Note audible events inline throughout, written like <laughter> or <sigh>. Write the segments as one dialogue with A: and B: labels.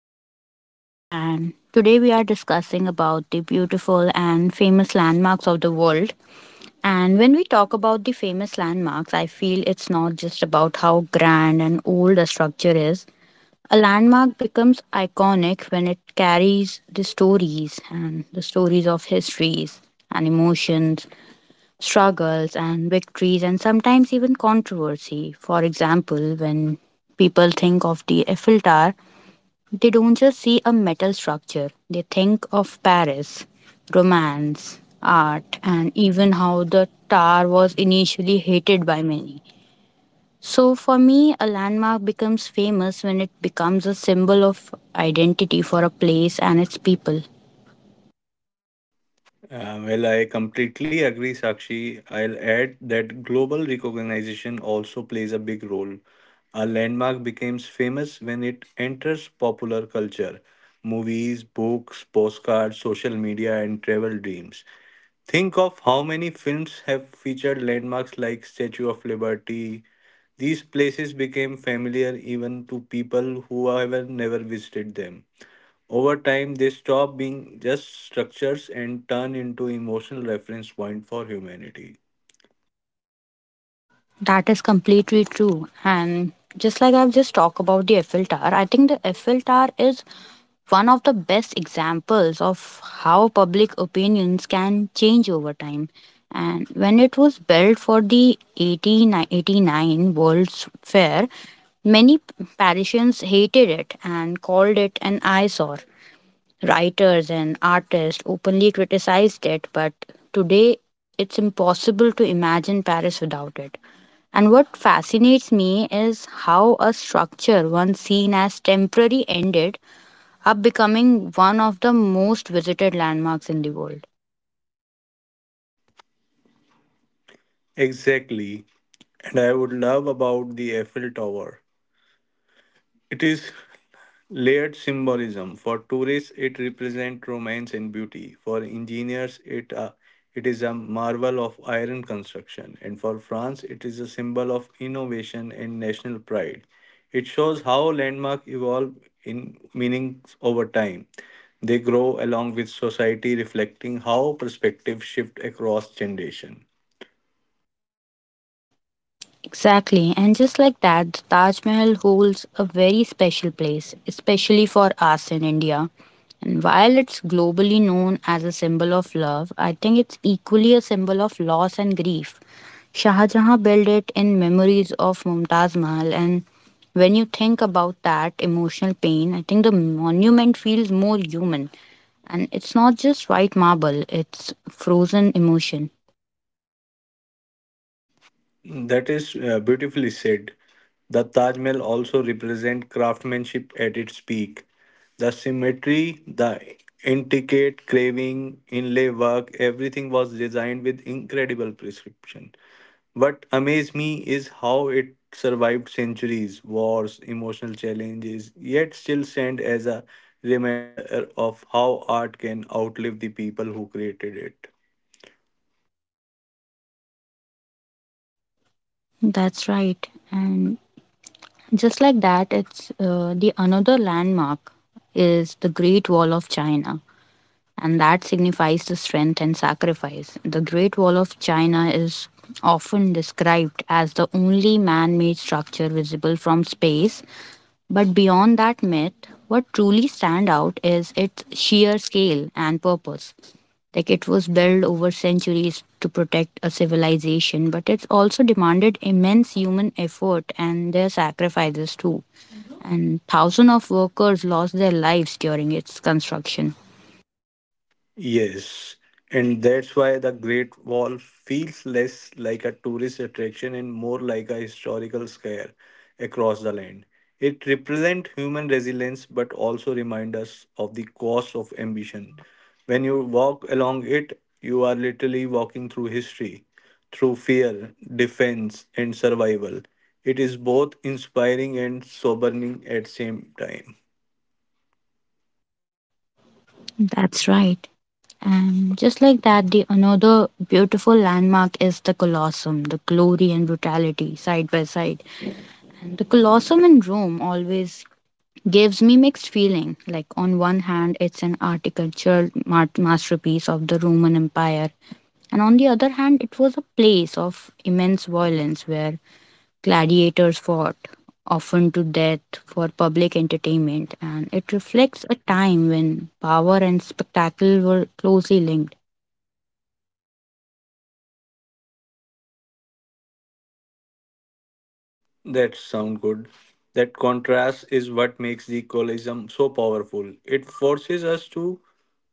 A: Podcast, and today we are discussing about the beautiful and famous landmarks of the world. And when we talk about the famous landmarks, I feel it's not just about how grand and old a structure is. A landmark becomes iconic when it carries the stories and the stories of histories and emotions struggles and victories and sometimes even controversy. For example, when people think of the Eiffel Tower, they don't just see a metal structure, they think of Paris, romance, art, and even how the tower was initially hated by many. So, for me, a landmark becomes famous when it becomes a symbol of identity for a place and its people.
B: Well, I completely agree, Sakshi. I'll add that global recognition also plays a big role. A landmark becomes famous when it enters popular culture, movies, books, postcards, social media, and travel dreams. Think of how many films have featured landmarks like Statue of Liberty. These places became familiar even to people who have never visited them. Over time, they stop being just structures and turn into emotional reference point for humanity.
A: That is completely true. And just like I've just talked about the Eiffel Tower, I think the Eiffel Tower is one of the best examples of how public opinions can change over time. And when it was built for the 1889 World's Fair, many Parisians hated it and called it an eyesore. Writers and artists openly criticized it, but today it's impossible to imagine Paris without it. And what fascinates me is how a structure once seen as temporary ended up becoming one of the most visited landmarks in the world.
B: Exactly. And I would love about the Eiffel Tower. It is layered symbolism. For tourists, it represents romance and beauty. For engineers, it is a marvel of iron construction, and for France, it is a symbol of innovation and national pride. It shows how landmark evolve in meanings over time. They grow along with society, reflecting how perspectives shift across generation.
A: Exactly. And just like that, the Taj Mahal holds a very special place, especially for us in India. And while it's globally known as a symbol of love, I think it's equally a symbol of loss and grief. Shah Jahan built it in memories of Mumtaz Mahal, and when you think about that emotional pain, I think the monument feels more human. And it's not just white marble, it's frozen emotion.
B: That is beautifully said. The Taj Mahal also represents craftsmanship at its peak. The symmetry, the intricate carving, inlay work, everything was designed with incredible precision. What amazed me is how it survived centuries, wars, emotional challenges, yet still stand as a reminder of how art can outlive the people who created it.
A: That's right. And Just like that, it's the another landmark is the Great Wall of China, and that signifies the strength and sacrifice. The Great Wall of China is often described as the only man-made structure visible from space, but beyond that myth, what truly stand out is its sheer scale and purpose. Like it was built over centuries to protect a civilization, but it's also demanded immense human effort and their sacrifices too and thousands of workers lost their lives during its construction.
B: Yes, and that's why the Great Wall feels less like a tourist attraction and more like a historical square across the land. It represents human resilience but also reminds us of the cost of ambition. When you walk along it, you are literally walking through history, through fear, defense, and survival. It is both inspiring and sobering at same time.
A: That's right. And just like that, the another beautiful landmark is the Colosseum, the glory and brutality side by side. And the Colosseum in Rome always gives me mixed feeling. Like on one hand, it's an architectural masterpiece of the Roman Empire, and on the other hand, it was a place of immense violence where Gladiators fought, often to death, for public entertainment, and it reflects a time when power and spectacle were closely linked.
B: That sound good. That contrast is what makes the colonialism so powerful. It forces us to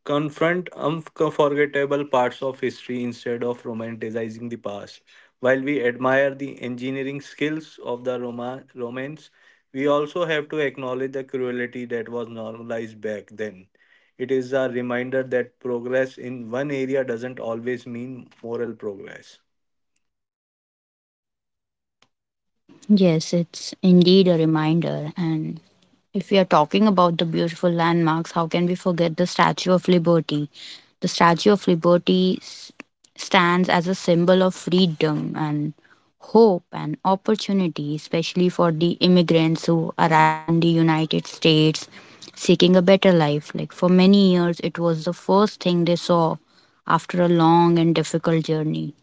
B: confront unforgettable parts of history instead of romanticizing the past. While we admire the engineering skills of the Romans, we also have to acknowledge the cruelty that was normalized back then. It is a reminder that progress in one area doesn't always mean moral progress.
A: Yes, it's indeed a reminder, and if we are talking about the beautiful landmarks, how can we forget the Statue of Liberty? The Statue of Liberty stands as a symbol of freedom and hope and opportunity, especially for the immigrants who arrived in the United States seeking a better life. Like for many years, it was the first thing they saw after a long and difficult journey.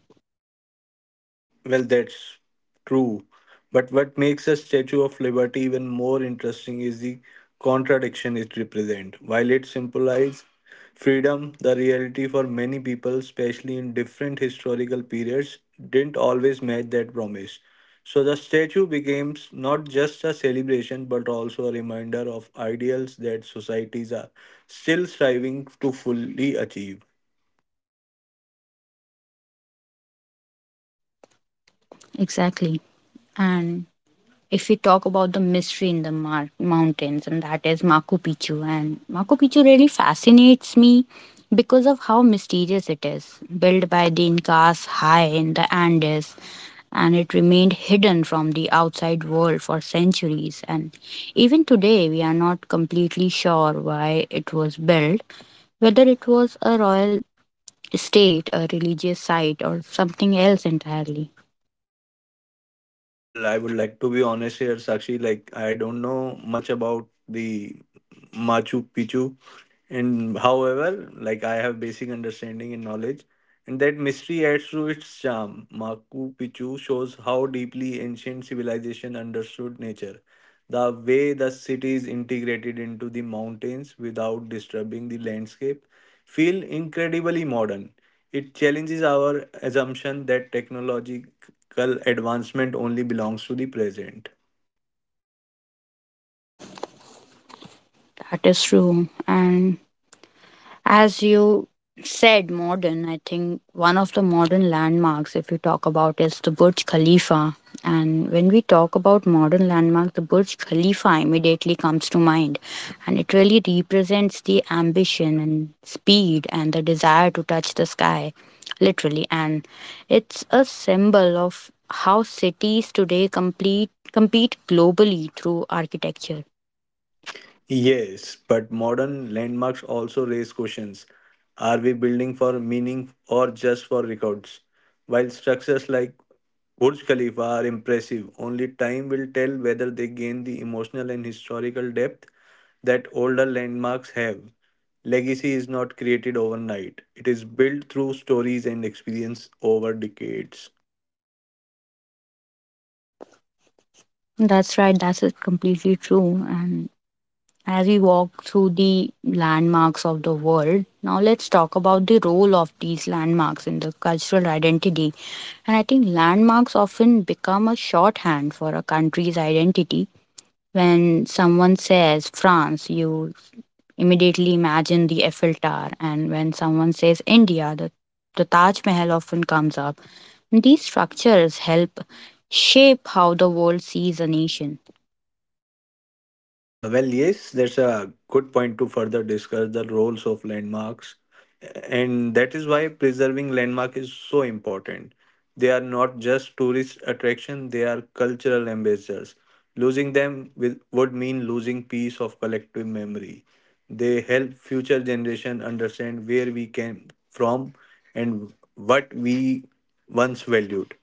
B: Well, that's true. But what makes a Statue of Liberty even more interesting is the contradiction it represents. While it symbolizes freedom, the reality for many people, especially in different historical periods, didn't always match that promise. So the statue becomes not just a celebration but also a reminder of ideals that societies are still striving to fully achieve.
A: Exactly. And if we talk about the mystery in the mountains, and that is Machu Picchu, and Machu Picchu really fascinates me because of how mysterious it is. Built by the Incas high in the Andes, and it remained hidden from the outside world for centuries. And even today, we are not completely sure why it was built, whether it was a royal estate, a religious site, or something else entirely.
B: Well, I would like to be honest here, Sakshi. Like, I don't know much about the Machu Picchu, and however, like I have basic understanding and knowledge, and that mystery adds to its charm. Machu Picchu shows how deeply ancient civilization understood nature, the way the city is integrated into the mountains without disturbing the landscape feel incredibly modern. It challenges our assumption that technological advancement only belongs to the present.
A: That is true. And as you said, modern, I think one of the modern landmarks, if we talk about, is the Burj Khalifa. And when we talk about modern landmark, the Burj Khalifa immediately comes to mind. And it really represents the ambition and speed and the desire to touch the sky, literally. And it's a symbol of how cities today compete globally through architecture.
B: Yes, but modern landmarks also raise questions. Are we building for meaning or just for records? While structures like Burj Khalifa are impressive, only time will tell whether they gain the emotional and historical depth that older landmarks have. Legacy is not created overnight, it is built through stories and experience over decades.
A: That's right, that's it, completely true. And as we walk through the landmarks of the world, now let's talk about the role of these landmarks in the cultural identity. And I think landmarks often become a shorthand for a country's identity. When someone says France, you immediately imagine the Eiffel Tower, and when someone says India, the Taj Mahal often comes up. These structures help shape how the world sees a nation.
B: Well, yes, that's a good point to further discuss the roles of landmarks. And that is why preserving landmark is so important. They are not just tourist attraction, they are cultural ambassadors. Losing them will, would mean losing piece of collective memory. They help future generation understand where we came from and what we once valued.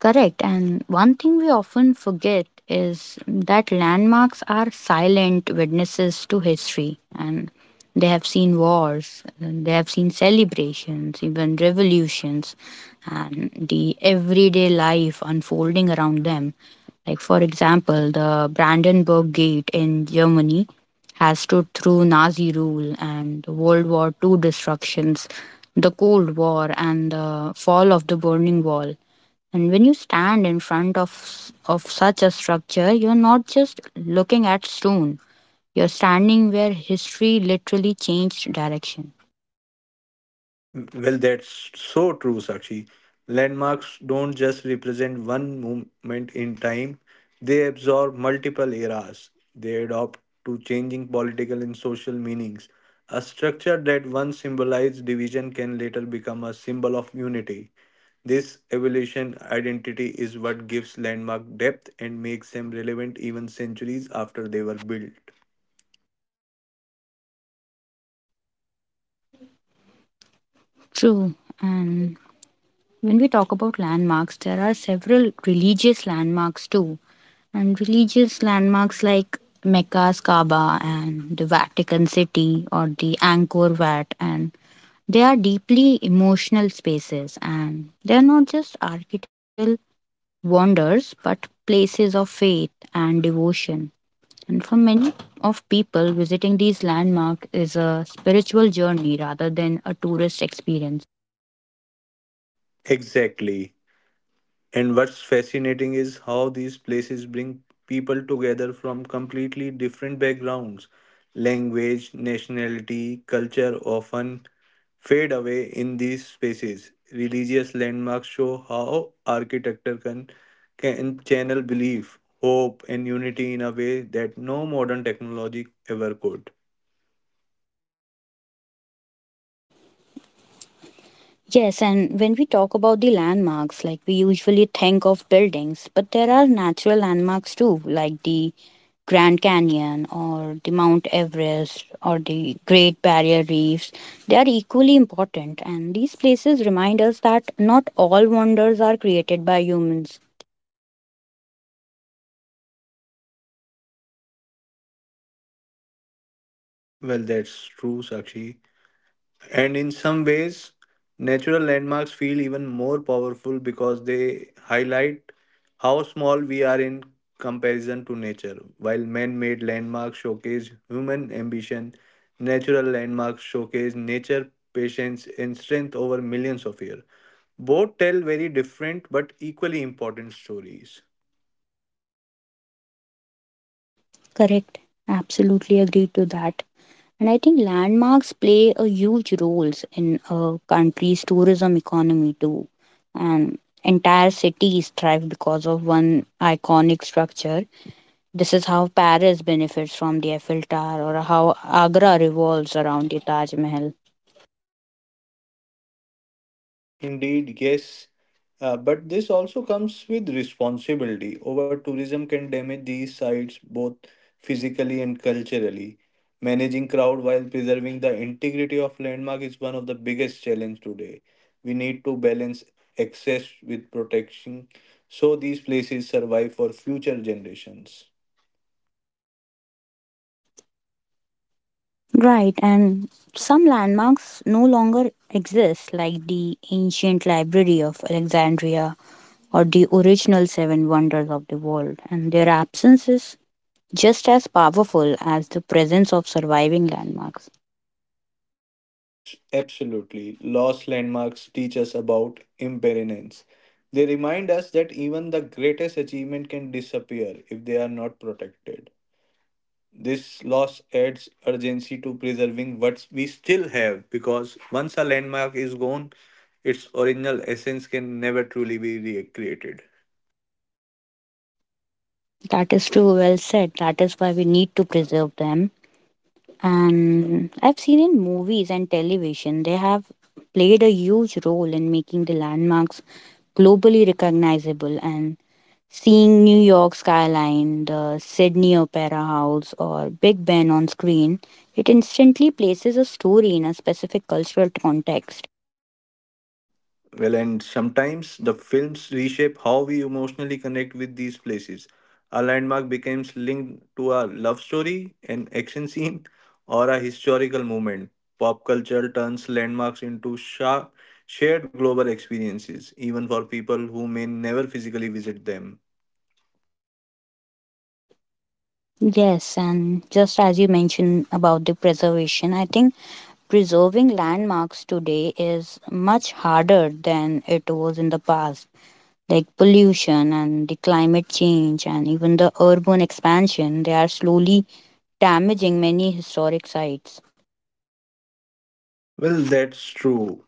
A: Correct. And one thing we often forget is that landmarks are silent witnesses to history and they have seen wars, and they have seen celebrations, even revolutions, and the everyday life unfolding around them. Like, for example, the Brandenburg Gate in Germany has stood through Nazi rule and the World War II destructions, the Cold War, and the fall of the Berlin Wall. And when you stand in front of such a structure, you're not just looking at stone. You're standing where history literally changed direction.
B: Well, that's so true, Sakshi. Landmarks don't just represent one moment in time, they absorb multiple eras. They adopt to changing political and social meanings. A structure that once symbolized division can later become a symbol of unity. This evolution identity is what gives landmark depth and makes them relevant even centuries after they were built.
A: True. And when we talk about landmarks, there are several religious landmarks too. And religious landmarks like Mecca's Kaaba and the Vatican City or the Angkor Wat and they are deeply emotional spaces and they are not just architectural wonders but places of faith and devotion. And for many of people, visiting these landmarks is a spiritual journey rather than a tourist experience.
B: Exactly. And what's fascinating is how these places bring people together from completely different backgrounds. Language, nationality, culture often fade away in these spaces. Religious landmarks show how architecture can channel belief, hope, and unity in a way that no modern technology ever could.
A: Yes, and when we talk about the landmarks, like we usually think of buildings, but there are natural landmarks too, like the Grand Canyon or the Mount Everest or the Great Barrier Reefs. They are equally important, and these places remind us that not all wonders are created by humans.
B: Well, that's true, Sakshi. And in some ways, natural landmarks feel even more powerful because they highlight how small we are in comparison to nature. While man made landmarks showcase human ambition, natural landmarks showcase nature, patience, and strength over millions of years. Both tell very different but equally important stories.
A: Correct. Absolutely agree to that. And I think landmarks play a huge roles in a country's tourism economy too. And entire cities thrive because of one iconic structure. This is how Paris benefits from the Eiffel Tower or how Agra revolves around the Taj Mahal.
B: Indeed, yes. But this also comes with responsibility. Over tourism can damage these sites both physically and culturally. Managing crowd while preserving the integrity of landmark is one of the biggest challenge today. We need to balance access with protection so these places survive for future generations.
A: Right, and some landmarks no longer exist, like the ancient library of Alexandria or the original seven wonders of the world, and their absence is just as powerful as the presence of surviving landmarks.
B: Absolutely. Lost landmarks teach us about impermanence. They remind us that even the greatest achievement can disappear if they are not protected. This loss adds urgency to preserving what we still have because once a landmark is gone, its original essence can never truly be recreated.
A: That is too well said. That is why we need to preserve them. And I've seen in movies and television, they have played a huge role in making the landmarks globally recognizable and Seeing New York skyline, the Sydney Opera House, or Big Ben on screen, it instantly places a story in a specific cultural context.
B: Well, and sometimes the films reshape how we emotionally connect with these places. A landmark becomes linked to a love story, an action scene, <laughs> or a historical moment. Pop culture turns landmarks into shared global experiences, even for people who may never physically visit them.
A: Yes, and just as you mentioned about the preservation, I think preserving landmarks today is much harder than it was in the past. Like pollution and the climate change and even the urban expansion, they are slowly damaging many historic sites.
B: Well, that's true.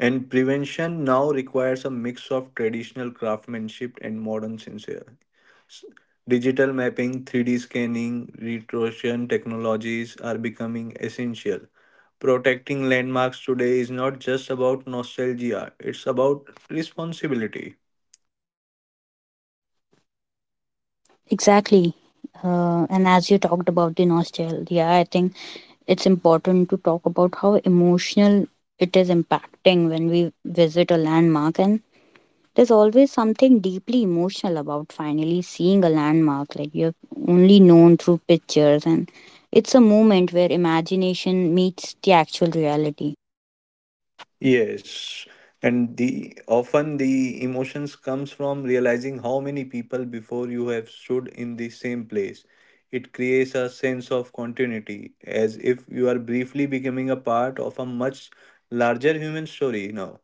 B: And prevention now requires a mix of traditional craftsmanship and modern sincere Digital mapping, 3D scanning, retroscan technologies are becoming essential. Protecting landmarks today is not just about nostalgia, it's about responsibility.
A: Exactly. And as you talked about the nostalgia, I think it's important to talk about how emotional it is impacting when we visit a landmark. And there's always something deeply emotional about finally seeing a landmark, like you've only known through pictures. And it's a moment where imagination meets the actual reality.
B: Yes, and the often the emotions comes from realizing how many people before you have stood in the same place. It creates a sense of continuity, as if you are briefly becoming a part of a much larger human story now.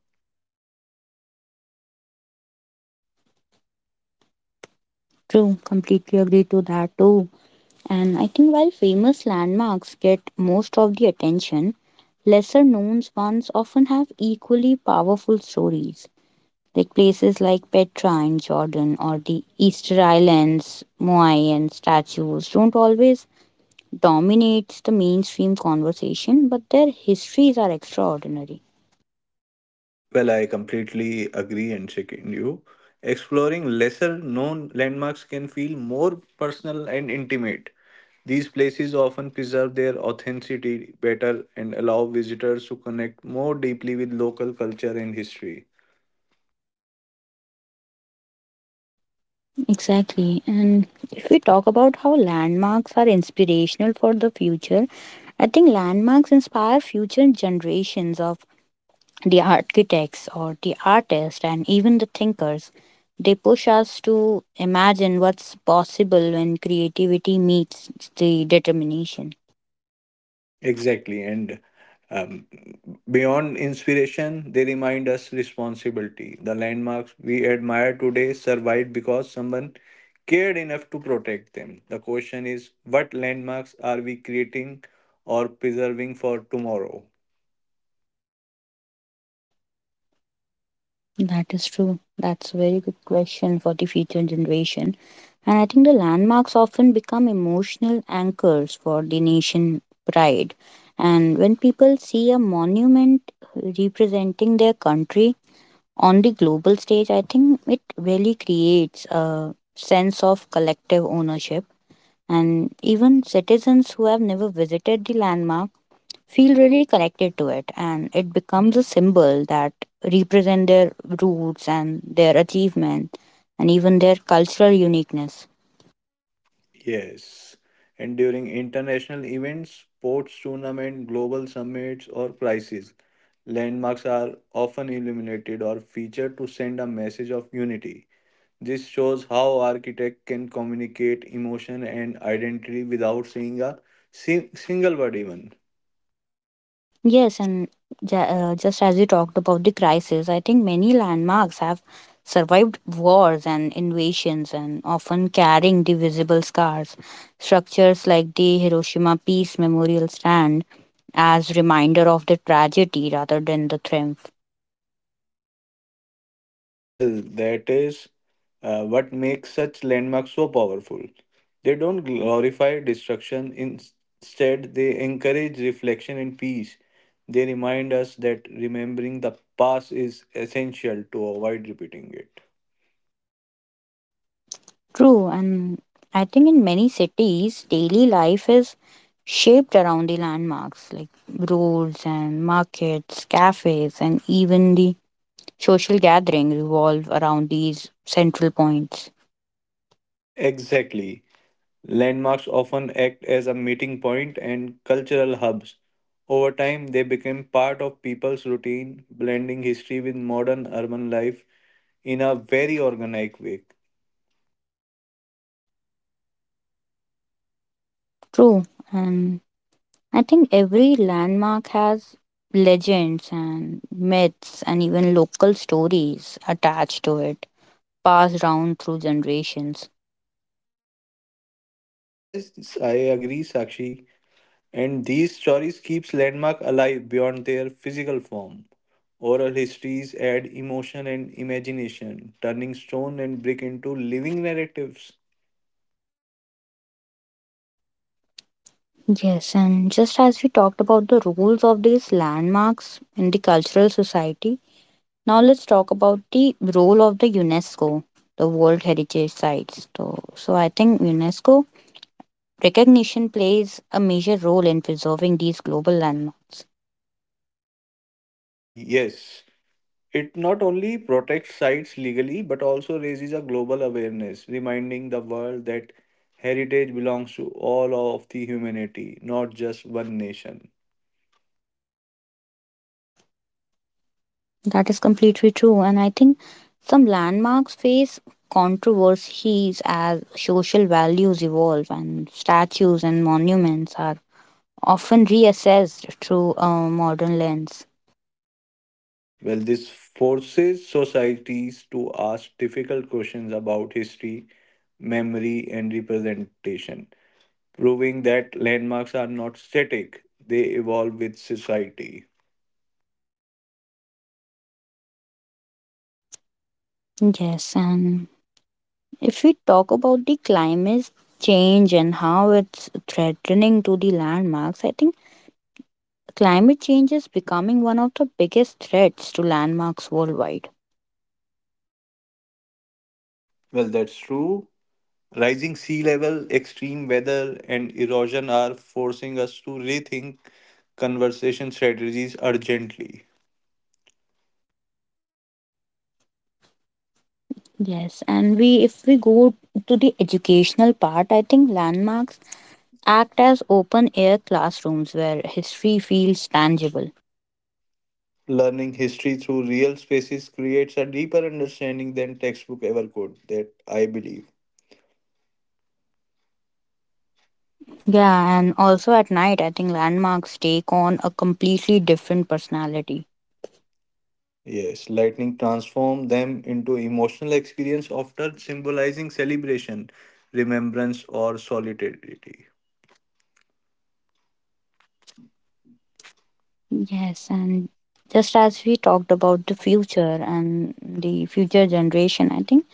A: True, completely agree to that too. And I think while famous landmarks get most of the attention, lesser known ones often have equally powerful stories. Like places like Petra in Jordan or the Easter Islands, Moai and statues don't always dominate the mainstream conversation, but their histories are extraordinary.
B: Well, I completely agree and second you. Exploring lesser known landmarks can feel more personal and intimate. These places often preserve their authenticity better and allow visitors to connect more deeply with local culture and history.
A: Exactly. And if we talk about how landmarks are inspirational for the future, I think landmarks inspire future generations of the architects or the artists and even the thinkers they push us to imagine what's possible when creativity meets the determination.
B: Exactly. And um, beyond inspiration, they remind us responsibility. The landmarks we admire today survived because someone cared enough to protect them. The question is what landmarks are we creating or preserving for tomorrow?
A: That is true. That's a very good question for the future generation. And I think the landmarks often become emotional anchors for the nation pride and when people see a monument representing their country on the global stage, I think it really creates a sense of collective ownership, and even citizens who have never visited the landmark feel really connected to it, and it becomes a symbol that represent their roots and their achievement and even their cultural uniqueness.
B: Yes. And during international events, sports tournament, global summits, or crises, landmarks are often illuminated or featured to send a message of unity. This shows how architect can communicate emotion and identity without saying a single word even.
A: Yes, and just as you talked about the crisis, I think many landmarks have survived wars and invasions and often carrying the visible scars. Structures like the Hiroshima Peace Memorial stand as reminder of the tragedy rather than the triumph.
B: Well, that is what makes such landmarks so powerful. They don't glorify destruction, instead, they encourage reflection and peace. They remind us that remembering the past is essential to avoid repeating it.
A: True, and I think in many cities, daily life is shaped around the landmarks like roads and markets, cafes, and even the social gathering revolve around these central points.
B: Exactly. Landmarks often act as a meeting point and cultural hubs. Over time, they became part of people's routine, blending history with modern urban life in a very organic way.
A: True, and I think every landmark has legends and myths and even local stories attached to it, passed down through generations.
B: Yes, I agree, Sakshi. And these stories keeps landmark alive beyond their physical form. Oral histories add emotion and imagination, turning stone and brick into living narratives.
A: Yes, and just as we talked about the roles of these landmarks in the cultural society, now let's talk about the role of the UNESCO, the World Heritage Sites. So, so I think UNESCO Recognition plays a major role in preserving these global landmarks.
B: Yes. It not only protects sites legally but also raises a global awareness, reminding the world that heritage belongs to all of the humanity, not just one nation.
A: That is completely true. And I think some landmarks face controversies as social values evolve and statues and monuments are often reassessed through a modern lens.
B: Well, this forces societies to ask difficult questions about history, memory, and representation, proving that landmarks are not static, they evolve with society.
A: Yes, and if we talk about the climate change and how it's threatening to the landmarks, I think climate change is becoming one of the biggest threats to landmarks worldwide.
B: Well, that's true. Rising sea level, extreme weather, and erosion are forcing us to rethink conversation strategies urgently.
A: Yes, and we if we go to the educational part, I think landmarks act as open air classrooms where history feels tangible.
B: Learning history through real spaces creates a deeper understanding than textbook ever could, that I believe.
A: Yeah, and also at night, I think landmarks take on a completely different personality.
B: Yes, lightning transformed them into emotional experience, often symbolizing celebration, remembrance, or solidarity.
A: Yes, and just as we talked about the future and the future generation, I think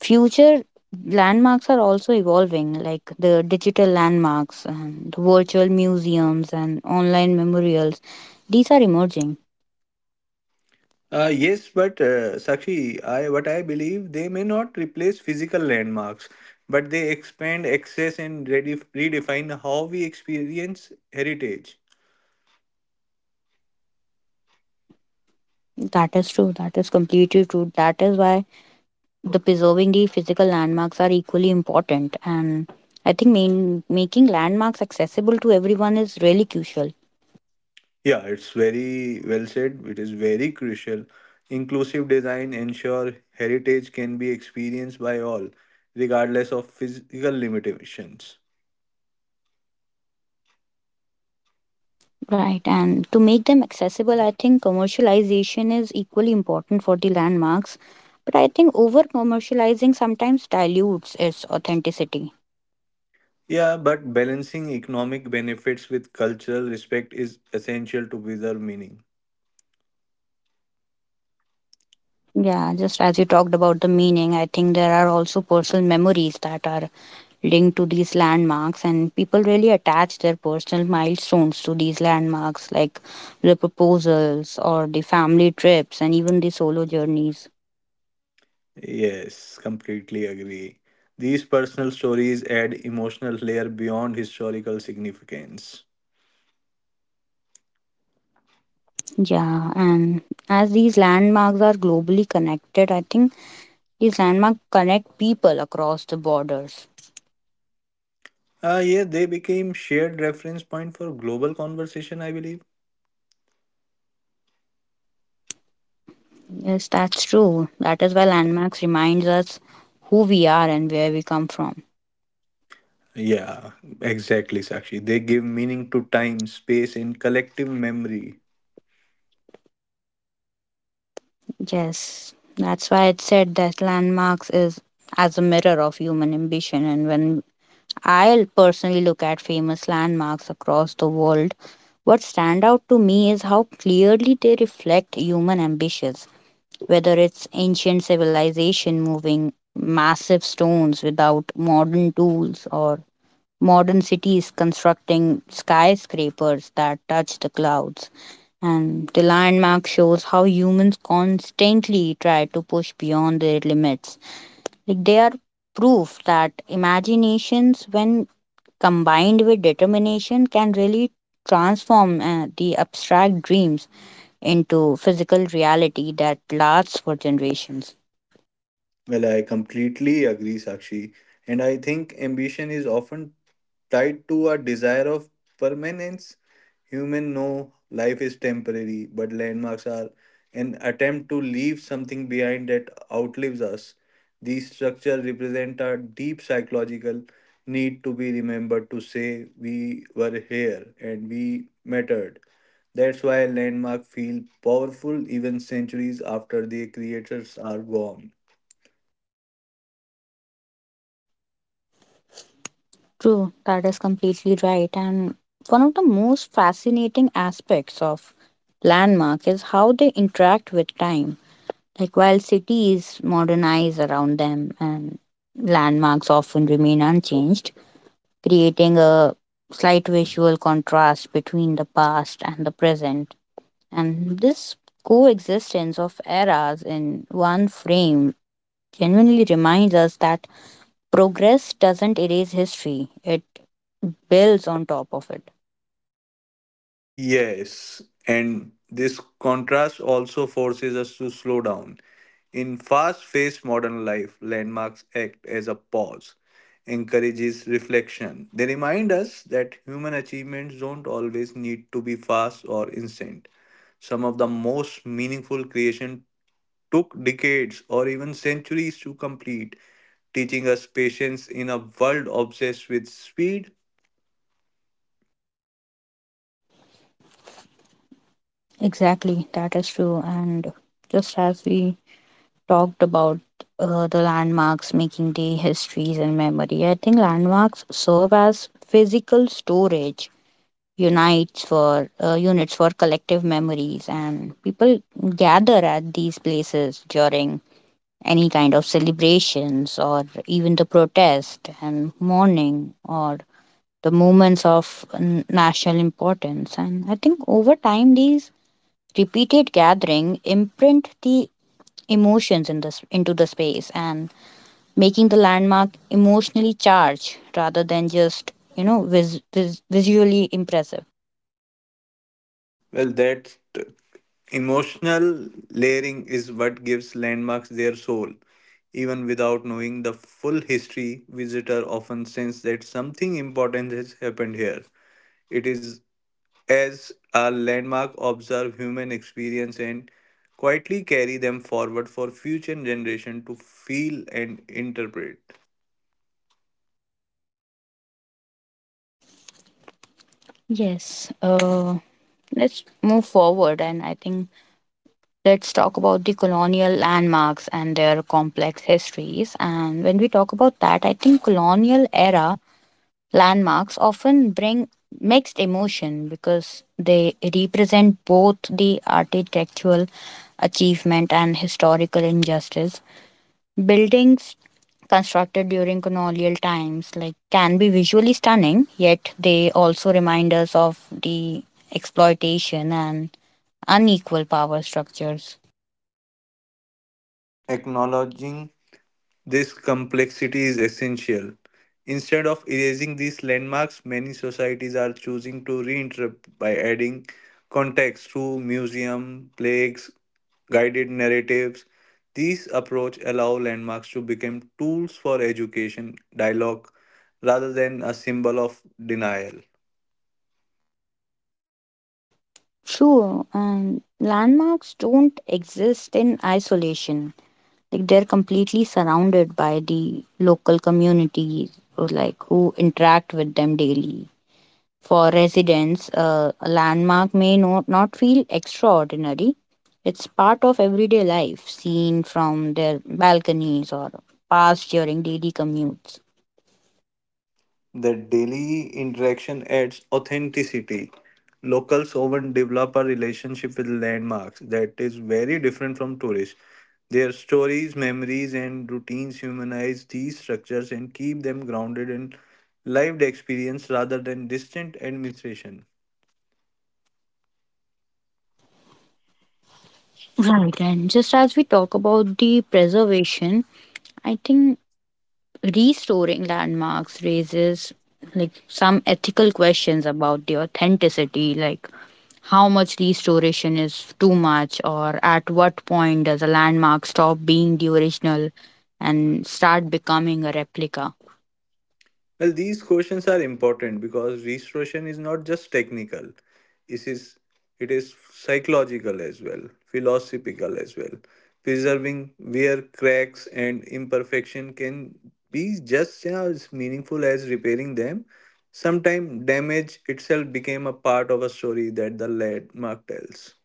A: future landmarks are also evolving, like the digital landmarks and the virtual museums and online memorials. These are emerging.
B: Yes, but Sakshi, I what I believe they may not replace physical landmarks, but they expand access and redefine how we experience heritage.
A: That is true. That is completely true. That is why the preserving the physical landmarks are equally important. And I think making landmarks accessible to everyone is really crucial.
B: Yeah, it's very well said. It is very crucial. Inclusive design ensure heritage can be experienced by all, regardless of physical limitations.
A: Right, and to make them accessible, I think commercialization is equally important for the landmarks. But I think over commercializing sometimes dilutes its authenticity.
B: Yeah, but balancing economic benefits with cultural respect is essential to preserve meaning.
A: Yeah, just as you talked about the meaning, I think there are also personal memories that are linked to these landmarks, and people really attach their personal milestones to these landmarks, like the proposals or the family trips, and even the solo journeys.
B: Yes, completely agree. These personal stories add emotional layer beyond historical significance.
A: Yeah, and as these landmarks are globally connected, I think these landmarks connect people across the borders.
B: Ah, yeah, they became shared reference point for global conversation, I believe.
A: Yes, that's true. That is why landmarks reminds us who we are and where we come from.
B: Yeah, exactly, Sakshi. They give meaning to time, space, and collective memory.
A: Yes, that's why it said that landmarks is as a mirror of human ambition. And when I personally look at famous landmarks across the world, what stand out to me is how clearly they reflect human ambitions. Whether it's ancient civilization moving massive stones without modern tools or modern cities constructing skyscrapers that touch the clouds. And the landmark shows how humans constantly try to push beyond their limits. Like they are proof that imaginations, when combined with determination, can really transform the abstract dreams into physical reality that lasts for generations.
B: Well, I completely agree, Sakshi. And I think ambition is often tied to a desire of permanence. Human know life is temporary, but landmarks are an attempt to leave something behind that outlives us. These structures represent a deep psychological need to be remembered to say we were here and we mattered. That's why landmarks feel powerful even centuries after their creators are gone.
A: True, that is completely right. And one of the most fascinating aspects of landmark is how they interact with time. Like while cities modernize around them and landmarks often remain unchanged, creating a slight visual contrast between the past and the present. And this coexistence of eras in one frame genuinely reminds us that progress doesn't erase history, it bells on top of it.
B: Yes, and this contrast also forces us to slow down. In fast-paced modern life, landmarks act as a pause, encourages reflection. They remind us that human achievements don't always need to be fast or instant. Some of the most meaningful creation took decades or even centuries to complete, teaching us patience in a world obsessed with speed.
A: Exactly, that is true. And just as we talked about the landmarks making day histories and memory, I think landmarks serve as physical storage unites for units for collective memories and people gather at these places during any kind of celebrations or even the protest and mourning or the moments of national importance. And I think over time these repeated gathering imprint the emotions in this into the space and making the landmark emotionally charged rather than just visually impressive.
B: Well, that emotional layering is what gives landmarks their soul. Even without knowing the full history, visitor often sense that something important has happened here. It is as a landmark observe human experience and quietly carry them forward for future generation to feel and interpret.
A: Yes. Let's move forward, and I think let's talk about the colonial landmarks and their complex histories. And when we talk about that, I think colonial era landmarks often bring mixed emotion because they represent both the architectural achievement and historical injustice. Buildings constructed during colonial times like can be visually stunning, yet they also remind us of the exploitation and unequal power structures.
B: Acknowledging this complexity is essential. Instead of erasing these landmarks, many societies are choosing to reinterpret by adding context through museum, plaques, guided narratives. These approach allow landmarks to become tools for education, dialogue, rather than a symbol of denial.
A: True, and landmarks don't exist in isolation, like they're completely surrounded by the local communities or like who interact with them daily. For residents a landmark may not feel extraordinary. It's part of everyday life, seen from their balconies or passed during daily commutes.
B: The daily interaction adds authenticity. Locals often develop a relationship with landmarks that is very different from tourists. Their stories, memories, and routines humanize these structures and keep them grounded in lived experience rather than distant administration.
A: Right, and just as we talk about the preservation, I think restoring landmarks raises like some ethical questions about the authenticity, like how much restoration is too much, or at what point does a landmark stop being the original and start becoming a replica?
B: Well, these questions are important because restoration is not just technical. It is it is psychological as well, philosophical as well. Preserving where cracks and imperfection can be just as meaningful as repairing them. Sometimes damage itself became a part of a story that the landmark tells.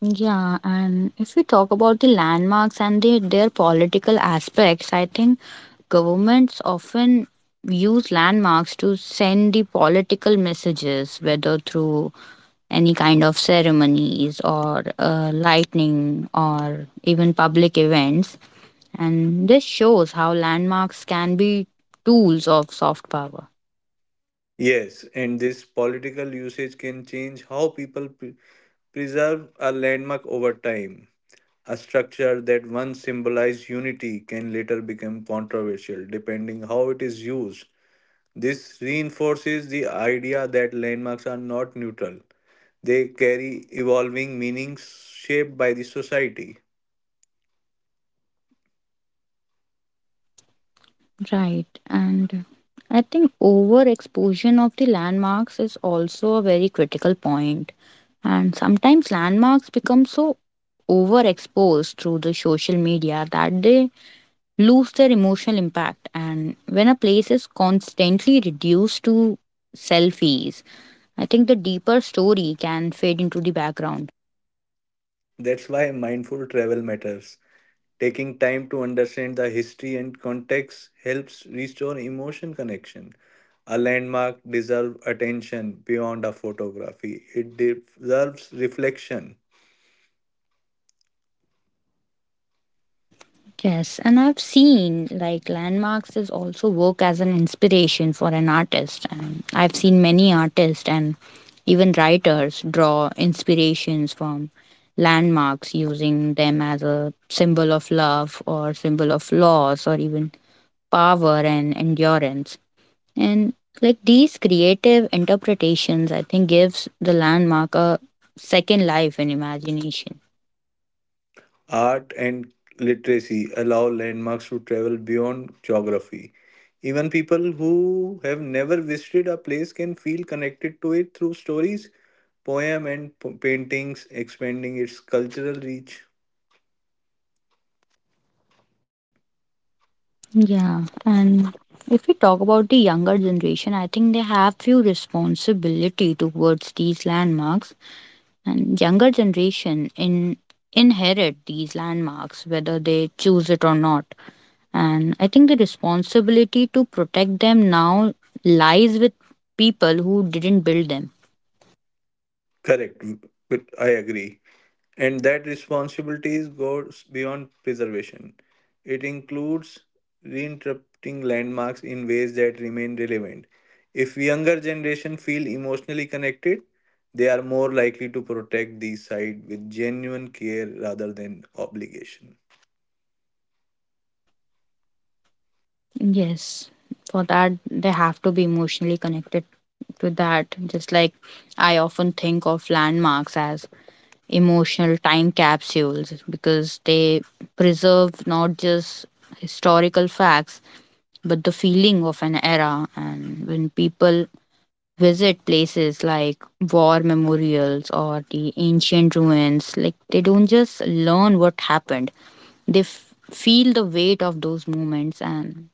A: Yeah, and if we talk about the landmarks and their political aspects, I think governments often use landmarks to send the political messages, whether through any kind of ceremonies or lightning or even public events. And this shows how landmarks can be tools of soft power.
B: Yes, and this political usage can change how people preserve a landmark over time. A structure that once symbolized unity can later become controversial depending how it is used. This reinforces the idea that landmarks are not neutral. They carry evolving meanings shaped by the society.
A: Right. And I think overexposure of the landmarks is also a very critical point. And sometimes landmarks become so overexposed through the social media that they lose their emotional impact. And when a place is constantly reduced to selfies, I think the deeper story can fade into the background.
B: That's why mindful travel matters. Taking time to understand the history and context helps restore emotion connection. A landmark deserves attention beyond a photography. It deserves reflection.
A: Yes, and I've seen like landmarks is also work as an inspiration for an artist. And I've seen many artists and even writers draw inspirations from landmarks, using them as a symbol of love or symbol of loss or even power and endurance. And like these creative interpretations, I think, gives the landmark a second life in imagination.
B: Art and literacy allow landmarks to travel beyond geography. Even people who have never visited a place can feel connected to it through stories, poem, and paintings, expanding its cultural reach.
A: Yeah, and if we talk about the younger generation, I think they have few responsibility towards these landmarks, and younger generation in inherit these landmarks whether they choose it or not. And I think the responsibility to protect them now lies with people who didn't build them.
B: Correct, but I agree. And that responsibility goes beyond preservation. It includes reinterpreting landmarks in ways that remain relevant. If younger generation feel emotionally connected, they are more likely to protect these sites with genuine care rather than obligation.
A: Yes, for that they have to be emotionally connected to that. Just like I often think of landmarks as emotional time capsules because they preserve not just historical facts but the feeling of an era. And when people visit places like war memorials or the ancient ruins, like they don't just learn what happened, they feel the weight of those moments and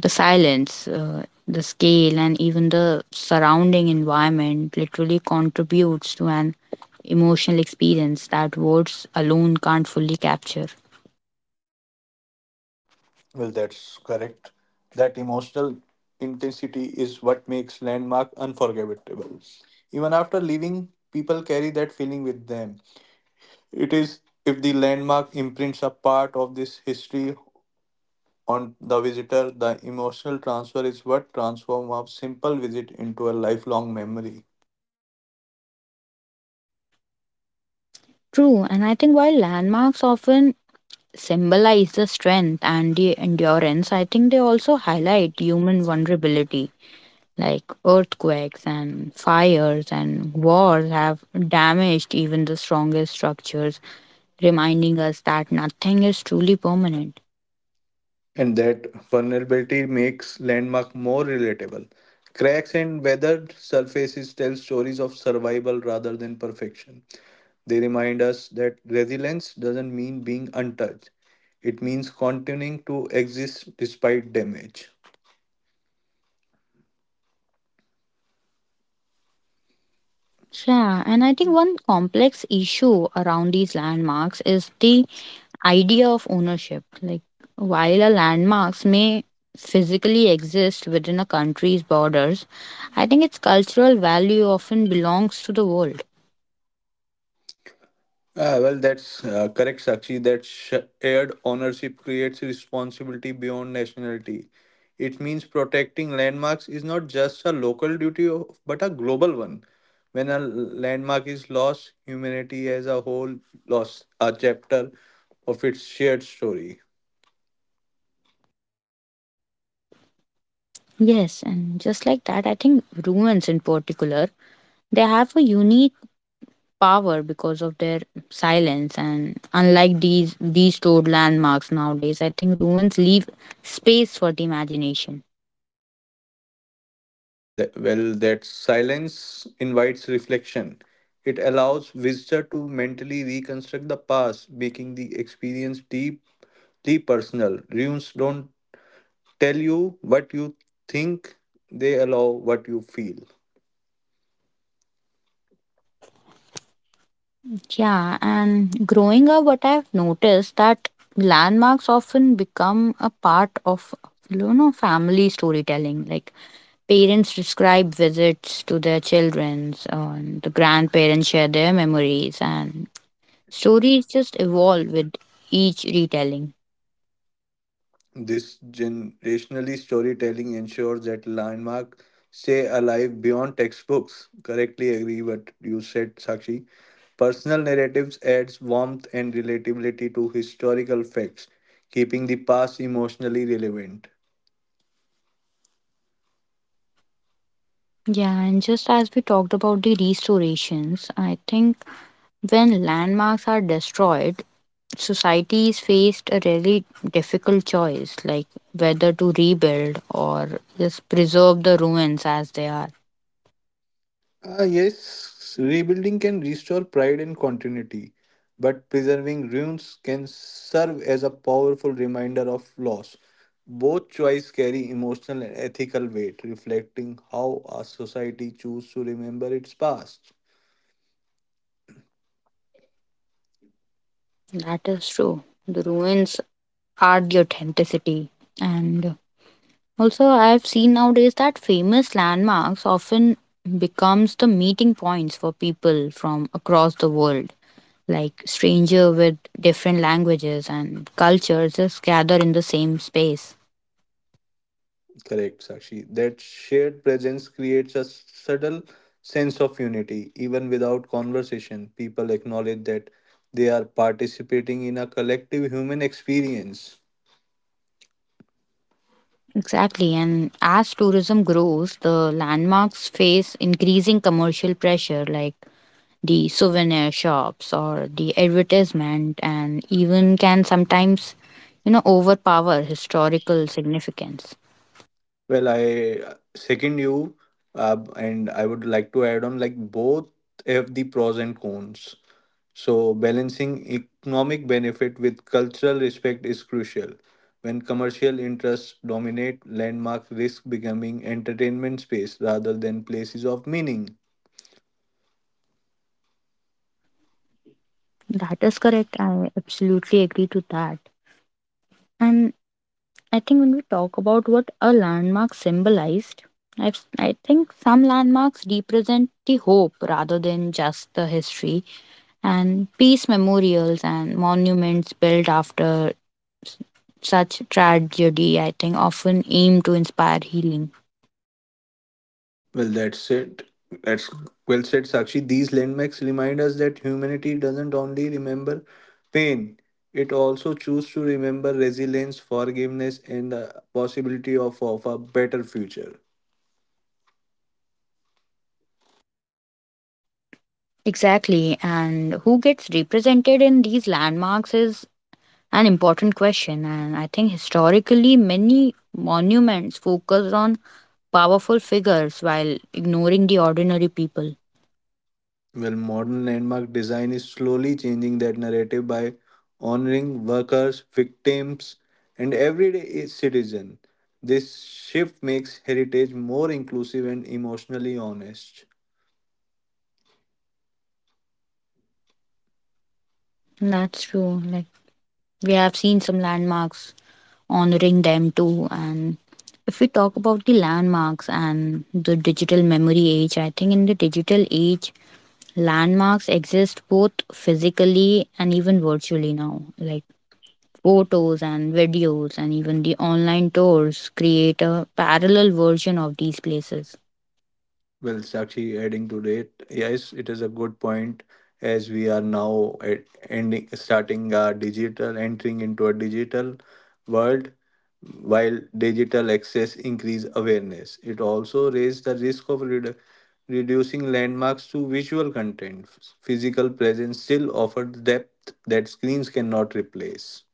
A: the silence, the scale, and even the surrounding environment literally contributes to an emotional experience that words alone can't fully capture.
B: Well, that's correct. That emotional intensity is what makes Landmark unforgettable. Even after leaving, people carry that feeling with them. It is if the landmark imprints a part of this history on the visitor, the emotional transfer is what transforms a simple visit into a lifelong memory.
A: True, and I think while landmarks often symbolize the strength and the endurance, I think they also highlight human vulnerability. Like earthquakes and fires and wars have damaged even the strongest structures, reminding us that nothing is truly permanent.
B: And that vulnerability makes landmark more relatable. Cracks and weathered surfaces tell stories of survival rather than perfection. They remind us that resilience doesn't mean being untouched. It means continuing to exist despite damage.
A: Yeah, and I think one complex issue around these landmarks is the idea of ownership. Like, while a landmarks may physically exist within a country's borders, I think its cultural value often belongs to the world.
B: Ah, well, that's correct, Sakshi. That shared ownership creates responsibility beyond nationality. It means protecting landmarks is not just a local duty, but a global one. When a landmark is lost, humanity as a whole lost a chapter of its shared story.
A: Yes, and just like that, I think ruins in particular, they have a unique power because of their silence. And unlike these stored landmarks nowadays, I think ruins leave space for the imagination.
B: That, well, that silence invites reflection. It allows visitor to mentally reconstruct the past, making the experience deep, deep personal. Ruins don't tell you what you think, they allow what you feel.
A: Yeah, and growing up, what I've noticed that landmarks often become a part of, you know, family storytelling. Like parents describe visits to their children, and the grandparents share their memories, and stories just evolve with each retelling.
B: This generationally storytelling ensures that landmark stay alive beyond textbooks. Correctly agree what you said, Sakshi. Personal narratives adds warmth and relatability to historical facts, keeping the past emotionally relevant.
A: Yeah, and just as we talked about the restorations, I think when landmarks are destroyed, societies faced a really difficult choice, like whether to rebuild or just preserve the ruins as they are.
B: Ah, yes, rebuilding can restore pride and continuity, but preserving ruins can serve as a powerful reminder of loss. Both choices carry emotional and ethical weight, reflecting how a society chooses to remember its past.
A: That is true. The ruins are the authenticity. And also, I've seen nowadays that famous landmarks often becomes the meeting points for people from across the world. Like stranger with different languages and cultures just gather in the same space.
B: Correct, Sakshi. That shared presence creates a subtle sense of unity. Even without conversation, people acknowledge that they are participating in a collective human experience.
A: Exactly. And as tourism grows, the landmarks face increasing commercial pressure, like the souvenir shops or the advertisement, and even can sometimes, you know, overpower historical significance.
B: Well, I second you, and I would like to add on like both have the pros and cons. So, balancing economic benefit with cultural respect is crucial. When commercial interests dominate, landmark risk becoming entertainment space rather than places of meaning.
A: That is correct. I absolutely agree to that. And I think when we talk about what a landmark symbolized, I think some landmarks represent the hope rather than just the history, and peace memorials and monuments built after such tragedy, I think, often aim to inspire healing.
B: Well, that's it. That's well said, Sakshi. These landmarks remind us that humanity doesn't only remember pain, it also chooses to remember resilience, forgiveness, and the possibility of a better future.
A: Exactly. And who gets represented in these landmarks is an important question. And I think historically, many monuments focused on powerful figures while ignoring the ordinary people.
B: Well, modern landmark design is slowly changing that narrative by honoring workers, victims, and everyday citizen. This shift makes heritage more inclusive and emotionally honest.
A: That's true. Like, we have seen some landmarks honoring them too. And if we talk about the landmarks and the digital memory age, I think in the digital age, landmarks exist both physically and even virtually now. Like photos and videos, and even the online tours create a parallel version of these places.
B: Well, Sakshi, adding to it. Yes, it is a good point as we are now at ending, starting our digital, entering into a digital world. While digital access increase awareness, it also raise the risk of reducing landmarks to visual content. Physical presence still offers depth that screens cannot replace.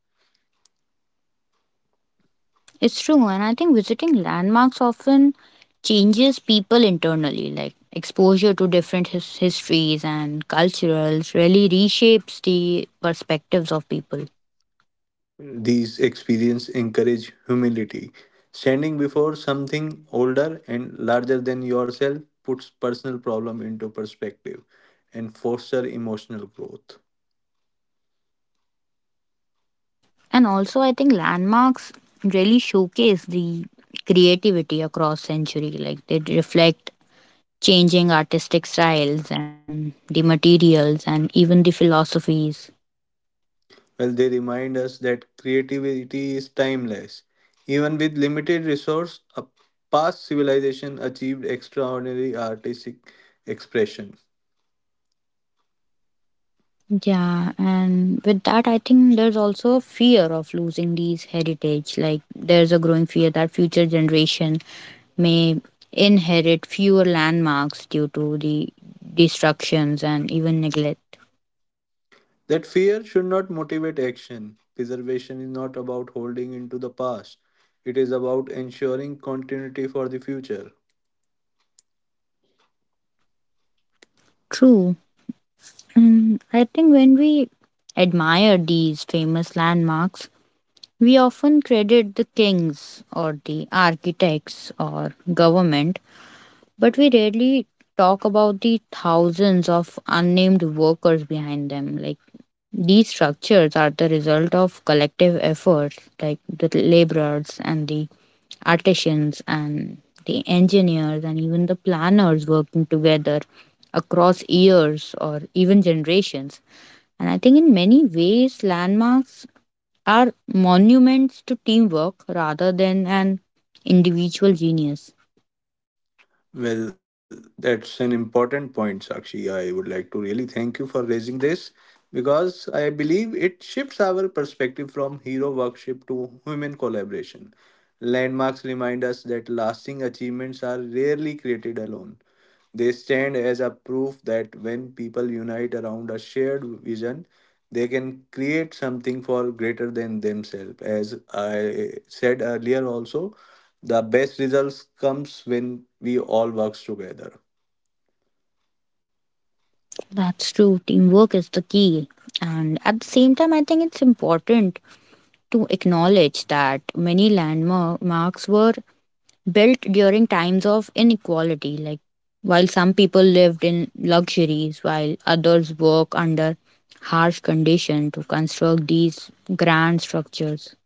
A: It's true, and I think visiting landmarks often changes people internally. Like exposure to different histories and cultures really reshapes the perspectives of people.
B: These experiences encourage humility. Standing before something older and larger than yourself puts personal problem into perspective and foster emotional growth.
A: And also, I think landmarks really showcase the creativity across century. Like they reflect changing artistic styles and the materials and even the philosophies.
B: Well, they remind us that creativity is timeless. Even with limited resource, a past civilization achieved extraordinary artistic expression.
A: Yeah, and with that, I think there's also a fear of losing these heritage. Like, there's a growing fear that future generation may inherit fewer landmarks due to the destructions and even neglect.
B: That fear should not motivate action. Preservation is not about holding into the past, it is about ensuring continuity for the future.
A: True, and I think when we admire these famous landmarks, we often credit the kings or the architects or government, but we rarely talk about the thousands of unnamed workers behind them. Like these structures are the result of collective efforts, like the laborers and the artisans and the engineers and even the planners working together across years or even generations. And I think in many ways, landmarks are monuments to teamwork rather than an individual genius.
B: Well, that's an important point, Sakshi. I would like to really thank you for raising this because I believe it shifts our perspective from hero worship to human collaboration. Landmarks remind us that lasting achievements are rarely created alone. They stand as a proof that when people unite around a shared vision, they can create something for greater than themselves. As I said earlier, also, the best results comes when we all works together.
A: That's true. Teamwork is the key. And at the same time, I think it's important to acknowledge that many landmarks were built during times of inequality. Like, while some people lived in luxuries, while others work under harsh conditions to construct these grand structures.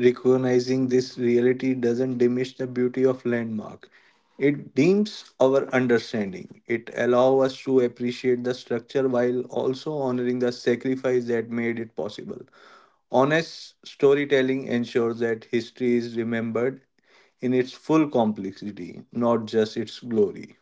B: Recognizing this reality doesn't diminish the beauty of landmark. It deeps our understanding. It allows us to appreciate the structure while also honoring the sacrifice that made it possible. Honest storytelling ensures that history is remembered in its full complexity, not just its glory.